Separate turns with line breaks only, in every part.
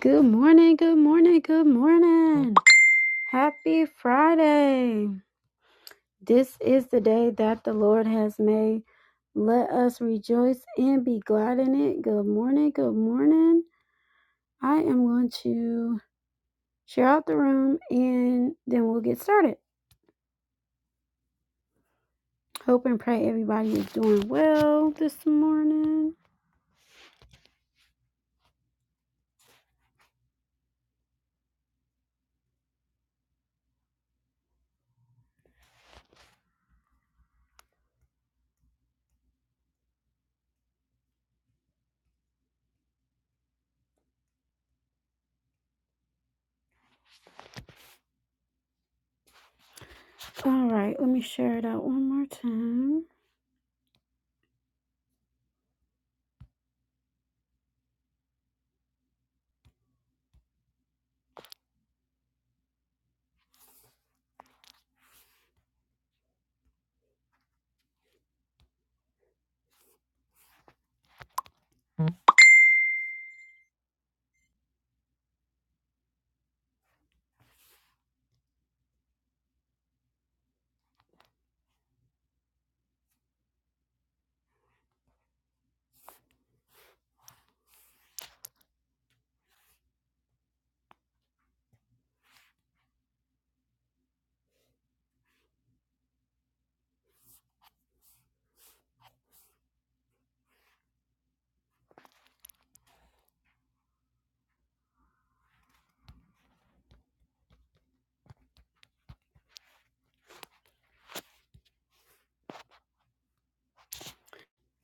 Good morning, good morning, good morning. Happy Friday. This is the day that the Lord has made. Let us rejoice and be glad in it. Good morning, good morning. I am going to share out the room and then we'll get started. Hope and pray everybody is doing well this morning. All right, let me share it out one more time.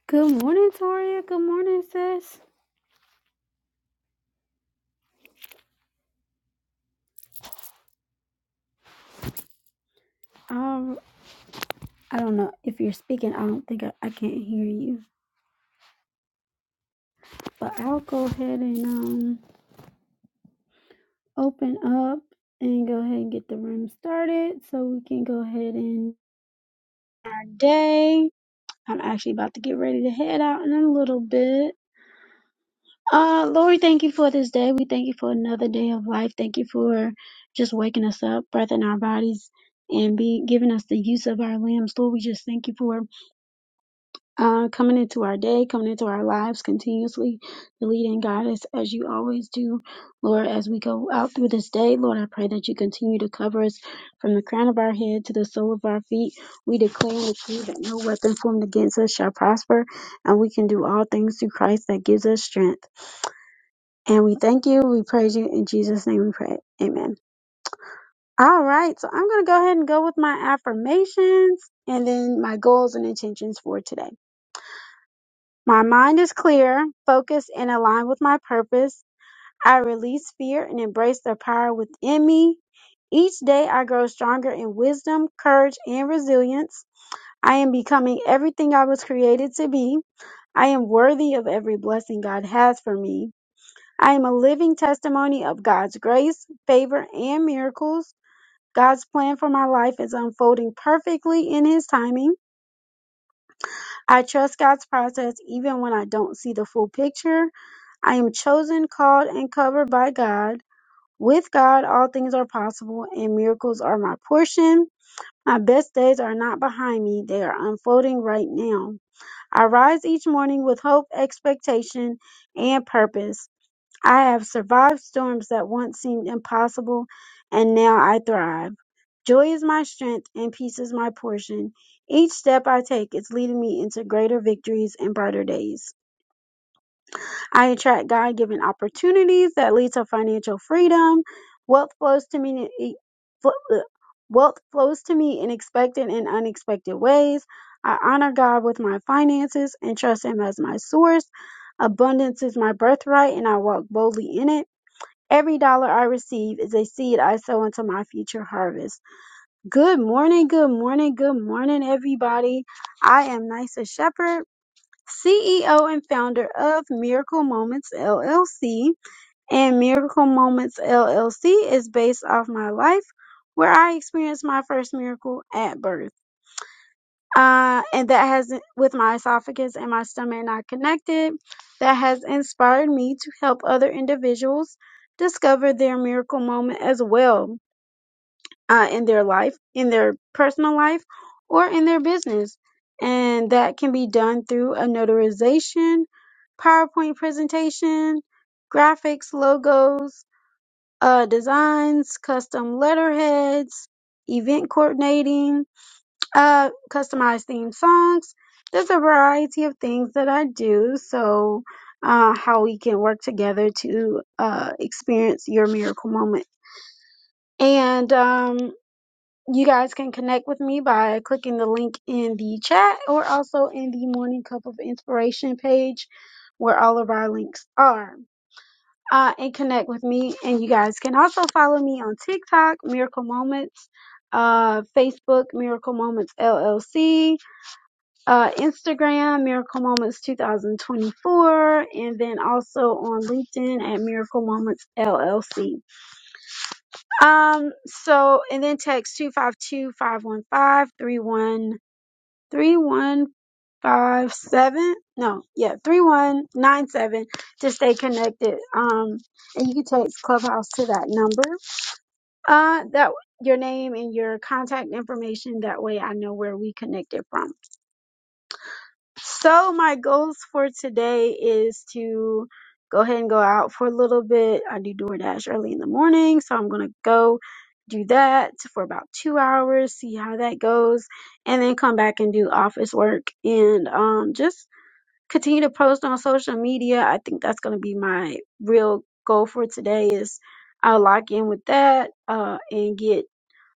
Good morning, Toria. Good morning, sis. All right. I don't know if you're speaking. I don't think I, I can't hear you. But I'll go ahead and um open up and go ahead and get the room started so we can go ahead and day. I'm actually about to get ready to head out in a little bit. Uh Lord, thank you for this day. We thank you for another day of life. Thank you for just waking us up, breath in our bodies, and be giving us the use of our limbs. Lord, we just thank you for uh, coming into our day, coming into our lives continuously, to lead and guide us as you always do. Lord, as we go out through this day, Lord, I pray that you continue to cover us from the crown of our head to the sole of our feet. We declare and decree that no weapon formed against us shall prosper, and we can do all things through Christ that gives us strength. And we thank you, we praise you, in Jesus' name we pray. Amen. All right, so I'm going to go ahead and go with my affirmations and then my goals and intentions for today. My mind is clear, focused, and aligned with my purpose. I release fear and embrace the power within me. Each day I grow stronger in wisdom, courage, and resilience. I am becoming everything I was created to be. I am worthy of every blessing God has for me. I am a living testimony of God's grace, favor, and miracles. God's plan for my life is unfolding perfectly in His timing. I trust God's process even when I don't see the full picture. I am chosen, called, and covered by God. With God, all things are possible, and miracles are my portion. My best days are not behind me, they are unfolding right now. I rise each morning with hope, expectation, and purpose. I have survived storms that once seemed impossible, and now I thrive. Joy is my strength, and peace is my portion. Each step I take is leading me into greater victories and brighter days. I attract God given opportunities that lead to financial freedom. Wealth flows to me. in- fl- ugh. Wealth flows to me in expected and unexpected ways. I honor God with my finances and trust Him as my source. Abundance is my birthright, and I walk boldly in it. Every dollar I receive is a seed I sow into my future harvest. Good morning, good morning, good morning, everybody. I am Nisa Shepherd CEO and founder of Miracle Moments LLC, and Miracle Moments LLC is based off my life where I experienced my first miracle at birth. Uh, and that has, with my esophagus and my stomach not connected, that has inspired me to help other individuals discover their miracle moment as well uh, in their life, in their personal life, or in their business. And that can be done through a notarization, PowerPoint presentation, graphics, logos, uh, designs, custom letterheads, event coordinating, uh, customized theme songs. There's a variety of things that I do. So, uh, how we can work together to uh, experience your miracle moment. And um, you guys can connect with me by clicking the link in the chat or also in the Morning Cup of Inspiration page where all of our links are. Uh, and connect with me. And you guys can also follow me on TikTok, Miracle Moments, uh, Facebook, Miracle Moments LLC, uh, Instagram, Miracle Moments 2024, and then also on LinkedIn at Miracle Moments LLC. Um, so and then text two five two five one five three one three one five seven. No, yeah, 3197 to stay connected. Um, and you can text Clubhouse to that number. Uh, that your name and your contact information. That way I know where we connected from. So my goals for today is to go ahead and go out for a little bit. I do DoorDash early in the morning, so I'm gonna go do that for about two hours, see how that goes, and then come back and do office work and um just continue to post on social media. I think that's gonna be my real goal for today is I'll lock in with that uh and get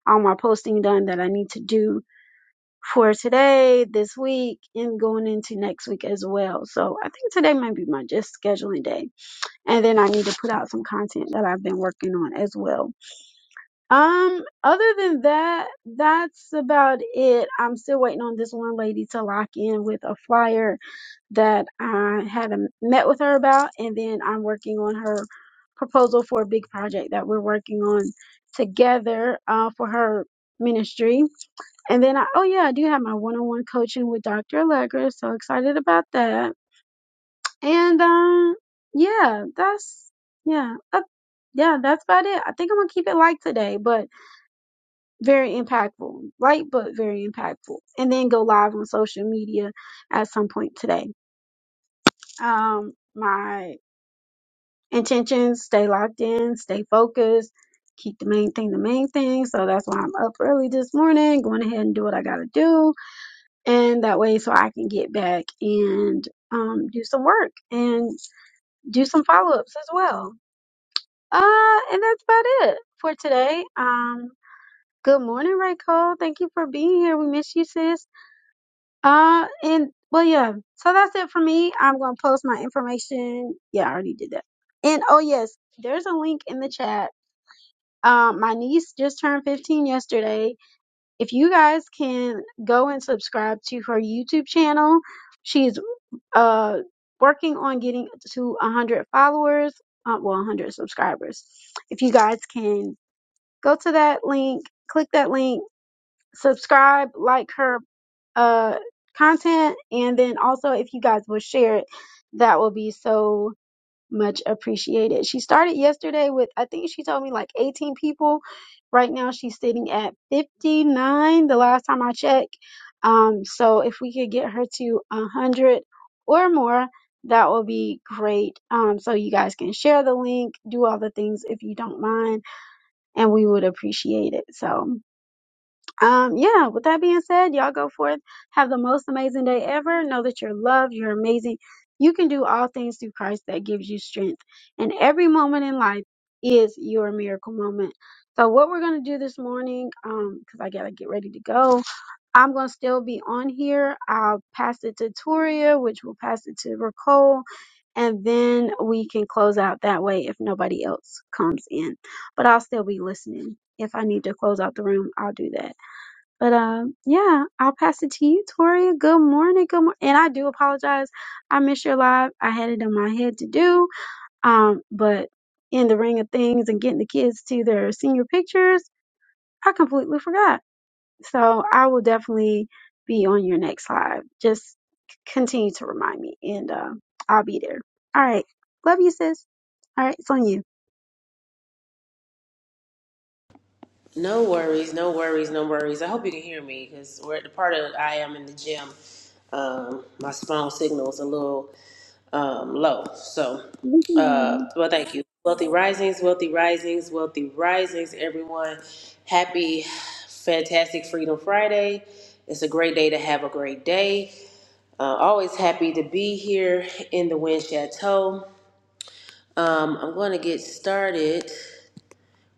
all my posting done that I need to do for today, this week, and going into next week as well. So I think today might be my just scheduling day. And then I need to put out some content that I've been working on as well. Um, other than that, that's about it. I'm still waiting on this one lady to lock in with a flyer that I had a, met with her about, and then I'm working on her proposal for a big project that we're working on together uh, for her ministry. And then I, oh yeah, I do have my one-on-one coaching with Dr. Allegra. So excited about that. And um, yeah, that's yeah, uh, yeah, that's about it. I think I'm gonna keep it light today, but very impactful, light but very impactful. And then go live on social media at some point today. Um, my intentions, stay locked in, stay focused, keep the main thing the main thing. So that's why I'm up early this morning, going ahead and do what I gotta do. And that way so I can get back and um do some work and do some follow ups as well. Uh and that's about it for today. Um good morning, Ray Cole. Thank you for being here. We miss you, sis. Uh and well yeah, so that's it for me. I'm gonna post my information. Yeah, I already did that. And oh yes, there's a link in the chat Um, my niece just turned 15 yesterday. If you guys can go and subscribe to her YouTube channel, she's uh working on getting to 100 followers, uh, well, 100 subscribers. If you guys can go to that link, click that link, subscribe, like her uh content, and then also if you guys will share it, that will be so much appreciated. She started yesterday with, I think she told me like 18 people. Right now she's sitting at 59 the last time I checked. Um, so if we could get her to 100 or more, that will be great. Um, so you guys can share the link, do all the things if you don't mind, and we would appreciate it. So. Um, yeah, with that being said, y'all go forth. Have the most amazing day ever. Know that you're loved, you're amazing. You can do all things through Christ that gives you strength. And every moment in life is your miracle moment. So, what we're going to do this morning, um, because I got to get ready to go, I'm going to still be on here. I'll pass it to Toria, which will pass it to Ricole, and then we can close out that way if nobody else comes in. But I'll still be listening. If I need to close out the room, I'll do that. But um, yeah, I'll pass it to you, Toria. Good morning, good morning. And I do apologize. I missed your live. I had it in my head to do. Um, but in the ring of things and getting the kids to their senior pictures, I completely forgot. So I will definitely be on your next live. Just c- continue to remind me, and uh, I'll be there. All right, love you, sis. All right, it's on you.
No worries, no worries, no worries. I hope you can hear me because we're at the part of I am in the gym. Um, my phone signal is a little um, low. So,
You can hear
uh,
me.
well, thank you. Wealthy Risings, Wealthy Risings, Wealthy Risings, everyone. Happy, fantastic Freedom Friday. It's a great day to have a great day. Uh, always happy to be here in the Wind Chateau. Um, I'm going to get started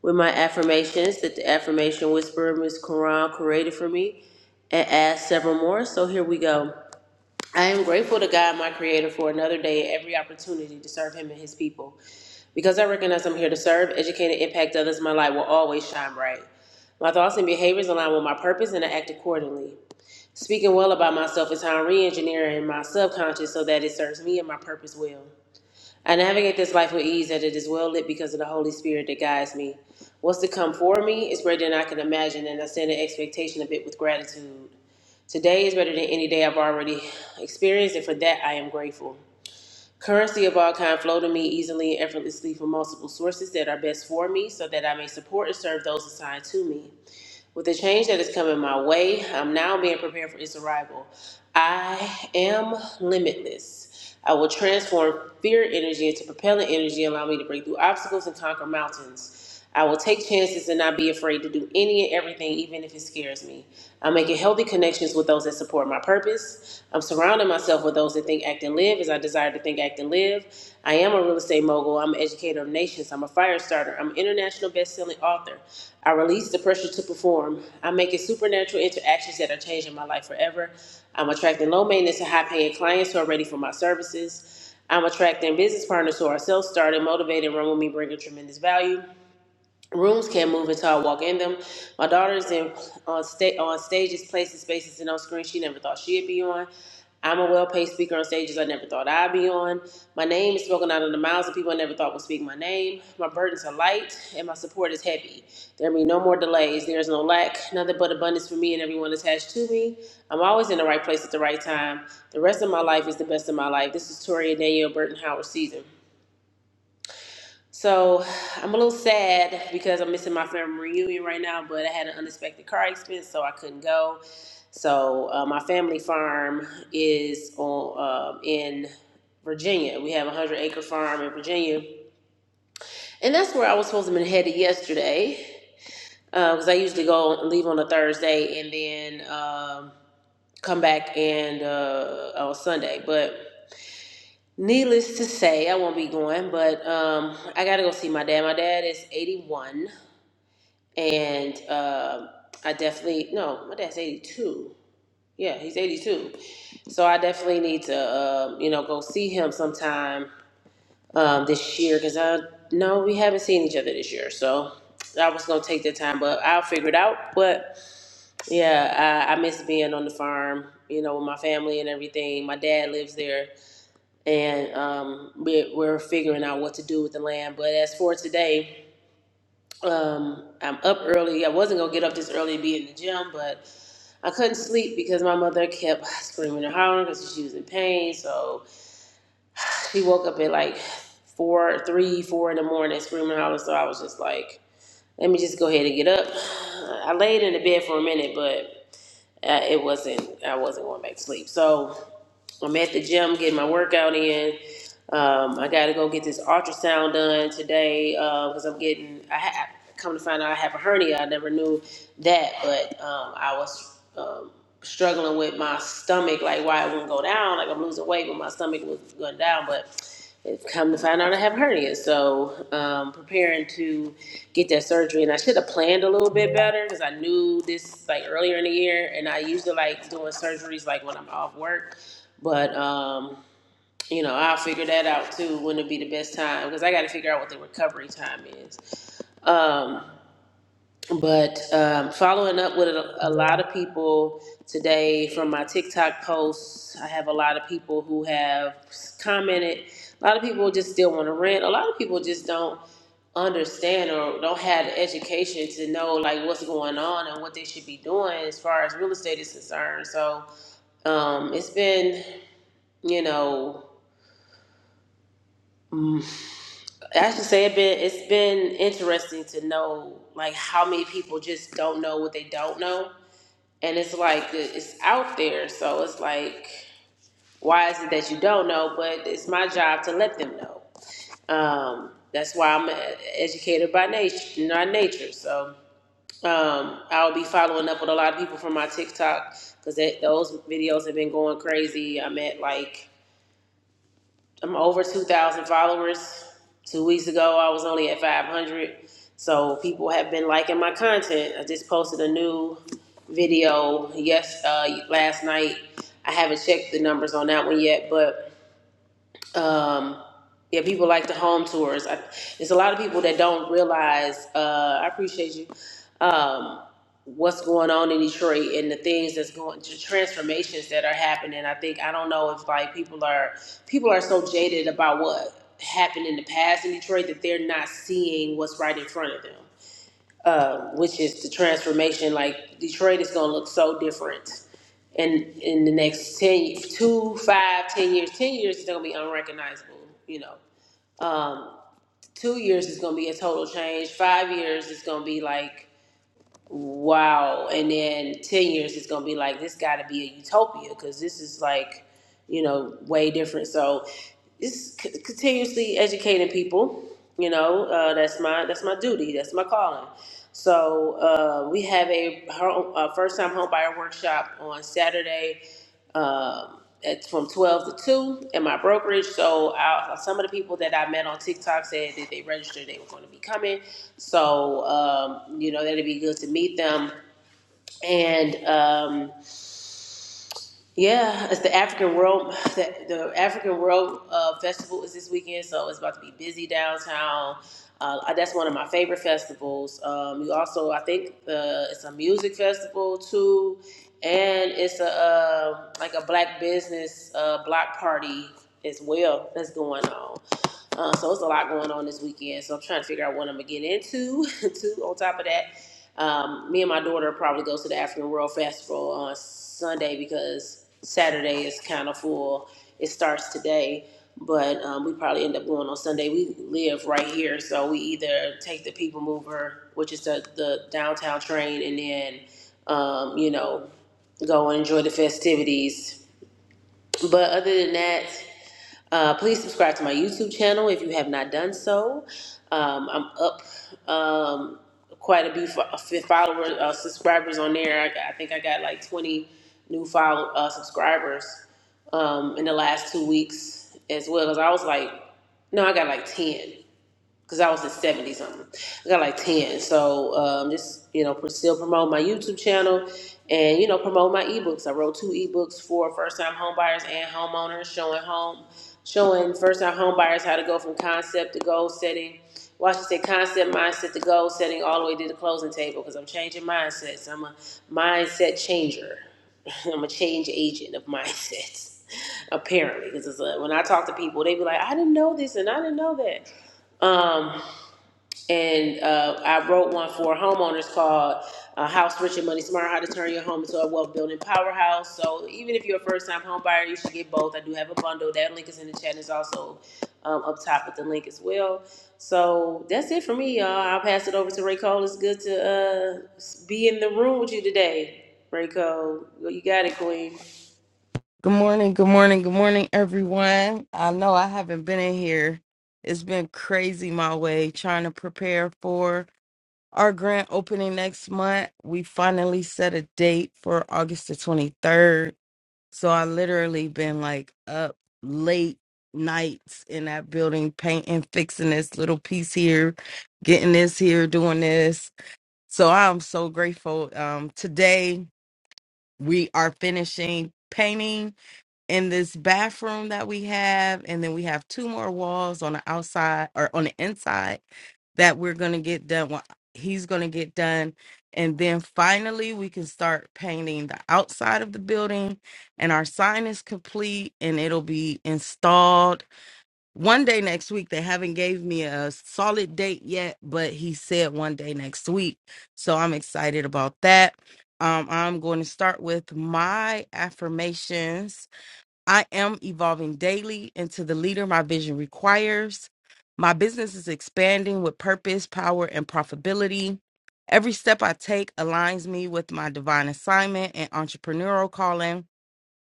with my affirmations that the affirmation whisperer Miss Quran created for me and add several more. So here we go. I am grateful to God, my creator, for another day and every opportunity to serve him and his people. Because I recognize I'm here to serve, educate, and impact others, my light will always shine bright. My thoughts and behaviors align with my purpose and I act accordingly. Speaking well about myself is how I'm re engineering my subconscious so that it serves me and my purpose well. I navigate this life with ease that it is well lit because of the Holy Spirit that guides me. What's to come for me is greater than I can imagine, and I stand in expectation of it with gratitude. Today is better than any day I've already experienced, and for that I am grateful. Currency of all kind flow to me easily and effortlessly from multiple sources that are best for me, so that I may support and serve those assigned to me. With the change that is coming my way, I'm now being prepared for its arrival. I am limitless. I will transform fear energy into propellant energy, allow me to break through obstacles and conquer mountains. I will take chances and not be afraid to do any and everything, even if it scares me. I'm making healthy connections with those that support my purpose. I'm surrounding myself with those that to think, act, and live is I desire to think, act, and live. I am a real estate mogul. I'm an educator of nations. I'm a fire starter. I'm an international best-selling author. I release the pressure to perform. I'm making supernatural interactions that are changing my life forever. I'm attracting low maintenance and high paying clients who are ready for my services. I'm attracting business partners who are self starting motivated, and run with me, bringing tremendous value. Rooms can't move until I walk in them. My daughter's in on sta- on stages, places, spaces, and on screen she never thought she'd be on. I'm a well-paid speaker on stages I never thought I'd be on. My name is spoken out of the mouths of people I never thought would speak my name. My burdens are light and my support is heavy. There be no more delays. There is no lack, nothing but abundance for me and everyone attached to me. I'm always in the right place at the right time. The rest of my life is the best of my life. This is Toria Danielle Burton Howard season. So I'm a little sad because I'm missing my family reunion right now, but I had an unexpected car expense, so I couldn't go. So uh, my family farm is on um in Virginia. We have a hundred acre farm in Virginia, and that's where I was supposed to be headed yesterday because I usually go leave on a Thursday and then um, come back and uh, on Sunday, but. Needless to say, I won't be going, but um, I gotta go see my dad. My dad is 81 and um I definitely no, my dad's eighty two. Yeah, he's eighty two, so I definitely need to um, you know go see him sometime um, this year because I no we haven't seen each other this year, so I was gonna take the time, but I'll figure it out. But yeah, I, I miss being on the farm. You know, with my family and everything. My dad lives there, and um, we, we're figuring out what to do with the land. But as for today, um, I'm up early. I wasn't gonna get up this early to be in the gym, but I couldn't sleep because my mother kept screaming and hollering because she was in pain. So he woke up at like four, three, four in the morning screaming and hollering. So I was just like, let me just go ahead and get up. I laid in the bed for a minute, but uh, it wasn't. I wasn't going back to sleep. So I'm at the gym getting my workout in. Um, I got to go get this ultrasound done today because I'm getting. I ha- come to find out I have a hernia. I never knew that, but um, I was um, struggling with my stomach, like why it wouldn't go down. Like I'm losing weight, but my stomach was going down. But it's come to find out I have a hernia, so um, preparing to get that surgery. And I should have planned a little bit better because I knew this like earlier in the year, and I usually like doing surgeries like when I'm off work but um, you know, I'll figure that out too. When it'd be the best time because I got to figure out what the recovery time is. Um, but um, following up with a, a lot of people today from my TikTok posts, I have a lot of people who have commented. A lot of people just still want to rent. A lot of people just don't understand or don't have the education to know like what's going on and what they should be doing as far as real estate is concerned. So um, it's been, you know. Mm. I should say it been it's been interesting to know like how many people just don't know what they don't know, and it's like it's out there, so it's like why is it that you don't know? But it's my job to let them know. Um, that's why I'm an educator by nature, not nature. So um, I'll be following up with a lot of people from my TikTok because those videos have been going crazy. I'm at like I'm over 2,000 followers. Two weeks ago, I was only at 500. So people have been liking my content. I just posted a new video yes uh, last night. I haven't checked the numbers on that one yet, but um yeah people like the home tours I, there's a lot of people that don't realize uh i appreciate you um what's going on in detroit and the things that's going the transformations that are happening i think i don't know if like people are people are so jaded about what happened in the past in detroit that they're not seeing what's right in front of them um, which is the transformation like detroit is going to look so different in in the next ten, two, five ten years ten years is going to be unrecognizable you know um two years is going to be a total change five years is going to be like wow and then ten years is going to be like this got to be a utopia because this is like you know way different so it's c- continuously educating people you know uh, that's my that's my duty that's my calling so uh, we have a, home, a first time home buyer workshop on saturday um, it's from 12 to 2 in my brokerage. So I, some of the people that I met on TikTok said that they registered, they were going to be coming. So, um, you know, that'd be good to meet them. And, um, yeah, it's the African World. The, the African World uh, Festival is this weekend, so it's about to be busy downtown. Uh, that's one of my favorite festivals. Um, you also, I think, the, it's a music festival too, and it's a uh, like a black business uh, block party as well that's going on. Uh, so it's a lot going on this weekend. So I'm trying to figure out what I'm gonna get into. too. On top of that, um, me and my daughter probably go to the African World Festival on Sunday because Saturday is kind of full. It starts today, but um, we probably end up going on Sunday. We live right here, so we either take the People Mover, which is the, the downtown train, and then um, you know go and enjoy the festivities. But other than that. Uh, please subscribe to my YouTube channel if you have not done so. Um, I'm up um, quite a few fo- a few follower uh, subscribers on there. I, got- I think I got like 20 new follow uh, subscribers um, in the last two weeks as well. Cause I was like, no, I got like 10 because I was in 70 something. I got like 10. So um, just, you know, pr- still promote my YouTube channel and, you know, promote my ebooks. I wrote two ebooks for first time homebuyers and homeowners showing home, showing first time homebuyers how to go from concept to goal setting. Well, I should say concept, mindset to goal setting all the way to the closing table because I'm changing mindsets. I'm a mindset changer. I'm a change agent of mindsets, apparently. Because when I talk to people, they be like, I didn't know this and I didn't know that. Um, and uh, I wrote one for homeowners called uh, House Rich and Money Smart How to Turn Your Home into a Wealth Building Powerhouse. So, even if you're a first time home buyer, you should get both. I do have a bundle. That link is in the chat and is also um, up top with the link as well. So, that's it for me, y'all. I'll pass it over to Ray Cole. It's good to uh, be in the room with you today, Ray Cole. You got it, Queen.
Good morning, good morning, good morning, everyone. I know I haven't been in here. It's been crazy my way trying to prepare for our grand opening next month. We finally set a date for August the 23rd. So I literally been like up late nights in that building, painting, fixing this little piece here, getting this here, doing this. So I'm so grateful. Um, today we are finishing painting in this bathroom that we have and then we have two more walls on the outside or on the inside that we're going to get done well, he's going to get done and then finally we can start painting the outside of the building and our sign is complete and it'll be installed one day next week they haven't gave me a solid date yet but he said one day next week so i'm excited about that um, i'm going to start with my affirmations I am evolving daily into the leader my vision requires. My business is expanding with purpose, power, and profitability. Every step I take aligns me with my divine assignment and entrepreneurial calling.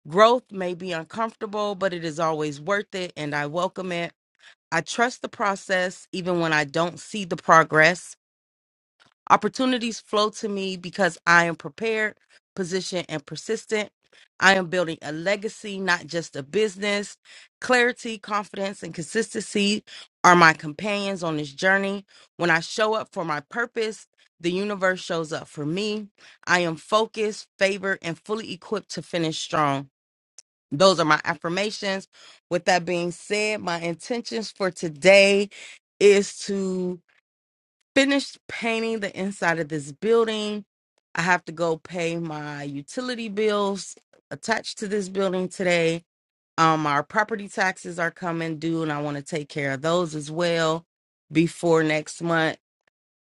Growth may be uncomfortable, but it is always worth it, and I welcome it. I trust the process even when I don't see the progress. Opportunities flow to me because I am prepared, positioned, and persistent. I am building a legacy, not just a business. Clarity, confidence, and consistency are my companions on this journey. When I show up for my purpose, the universe shows up for me. I am focused, favored, and fully equipped to finish strong. Those are my affirmations. With that being said, my intentions for today is to finished painting the inside of this building. I have to go pay my utility bills attached to this building today. Um, our property taxes are coming due, and I want to take care of those as well before next month.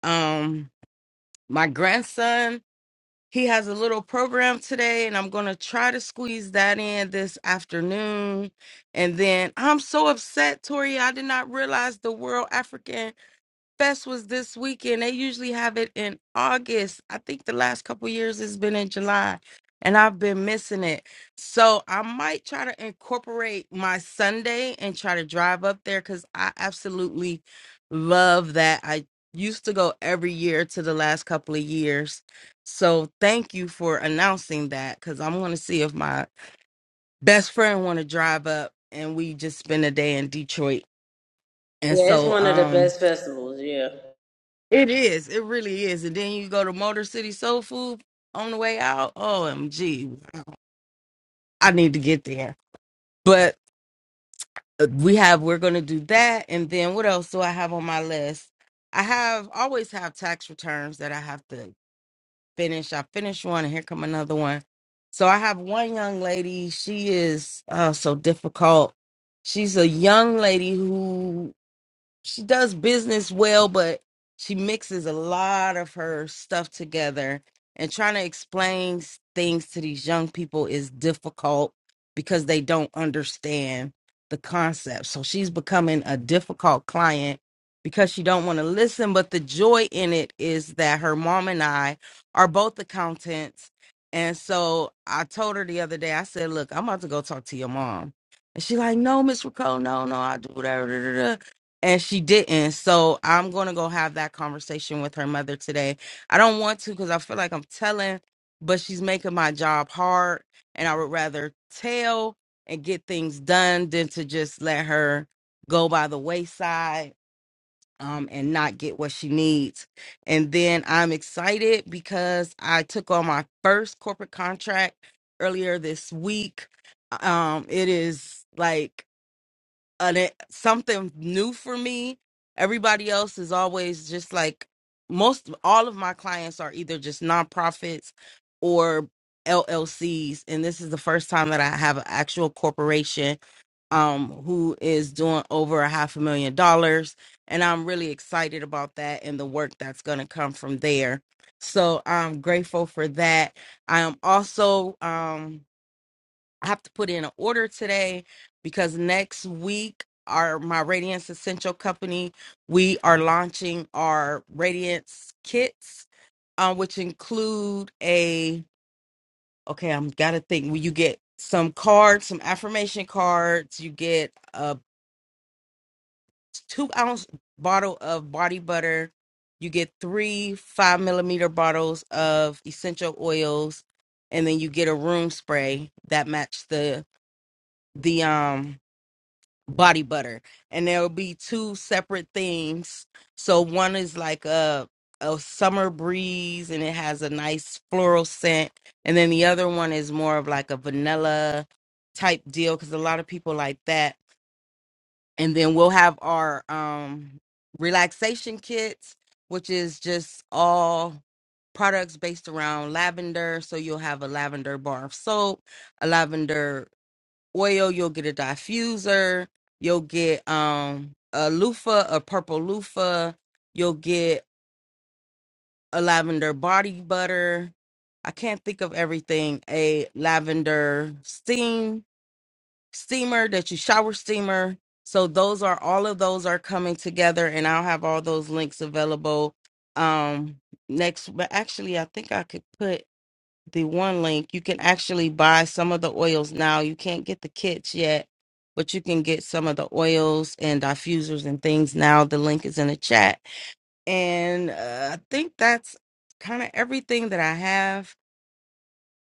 Um, my grandson, he has a little program today, and I'm going to try to squeeze that in this afternoon. And then I'm so upset, Tori. I did not realize the World African Fest was this weekend. They usually have it in August. I think the last couple years it's been in July, and I've been missing it. So I might try to incorporate my Sunday and try to drive up there because I absolutely love that. I used to go every year to the last couple of years. So thank you for announcing that because I'm going to see if my best friend want to drive up and we just spend a day in Detroit. And
Yeah, it's
so,
one of the
um,
best festivals. Yeah.
it is. It really is. And then you go to Motor City Soul Food on the way out. OMG. wow. I need to get there. But uh, we have, we're going to do that. And then what else do I have on my list? I have always have tax returns that I have to finish. I finished one and here come another one. So I have one young lady. She is uh, so difficult. She's a young lady who she does business well, but she mixes a lot of her stuff together and trying to explain s- things to these young people is difficult because they don't understand the concept. So she's becoming a difficult client because she don't want to listen, but the joy in it is that her mom and I are both accountants. And so I told her the other day, I said, "Look, I'm about to go talk to your mom." And she like, "No, Miss Rico, no, no, I do whatever." and she didn't. So I'm going to go have that conversation with her mother today. I don't want to because I feel like I'm telling, but she's making my job hard. And I would rather tell and get things done than to just let her go by the wayside um, and not get what she needs. And then I'm excited because I took on my first corporate contract earlier this week. Um, it is like an something new for me. Everybody else is always just like most all of my clients are either just nonprofits or LLCs and this is the first time that I have an actual corporation um who is doing over a half a million dollars and I'm really excited about that and the work that's going to come from there. So I'm grateful for that. I am also um I have to put in an order today because next week our my Radiance Essential Company we are launching our Radiance kits, uh, which include a okay. I'm gotta think. Well, you get some cards, some affirmation cards? You get a two ounce bottle of body butter. You get three five millimeter bottles of essential oils, and then you get a room spray that match the the um body butter and there'll be two separate things so one is like a a summer breeze and it has a nice floral scent and then the other one is more of like a vanilla type deal cuz a lot of people like that and then we'll have our um relaxation kits which is just all products based around lavender so you'll have a lavender bar of soap a lavender oil, you'll get a diffuser, you'll get um a loofah, a purple loofah, you'll get a lavender body butter. I can't think of everything. A lavender steam steamer that you shower steamer. So those are all of those are coming together and I'll have all those links available um next but actually I think I could put the one link, you can actually buy some of the oils now. You can't get the kits yet, but you can get some of the oils and diffusers and things now. The link is in the chat. And uh, I think that's kind of everything that I have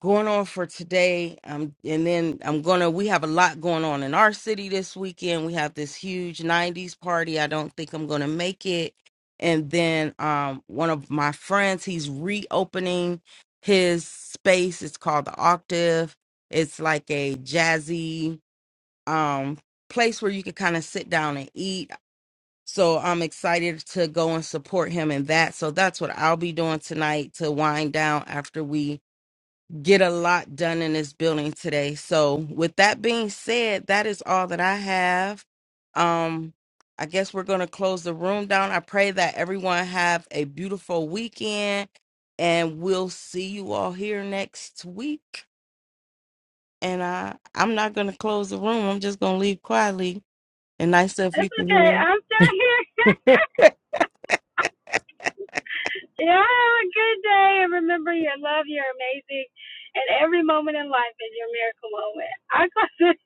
going on for today. Um, and then I'm gonna. We have a lot going on in our city this weekend. We have this huge '90s party. I don't think I'm gonna make it. And then um, one of my friends, he's reopening his space. It's called the Octave. It's like a jazzy um place where you can kind of sit down and eat. So I'm excited to go and support him in that. So that's what I'll be doing tonight to wind down after we get a lot done in this building today. So, with that being said, that is all that I have. Um, I guess we're going to close the room down. I pray that everyone have a beautiful weekend and we'll see you all here next week. And I, I'm not going to close the room. I'm just going to leave quietly. And nice if you
It's
can
okay.
hear.
I'm still here. Yeah, have a good day and remember your love, you're amazing, and every moment in life is your miracle moment. I call it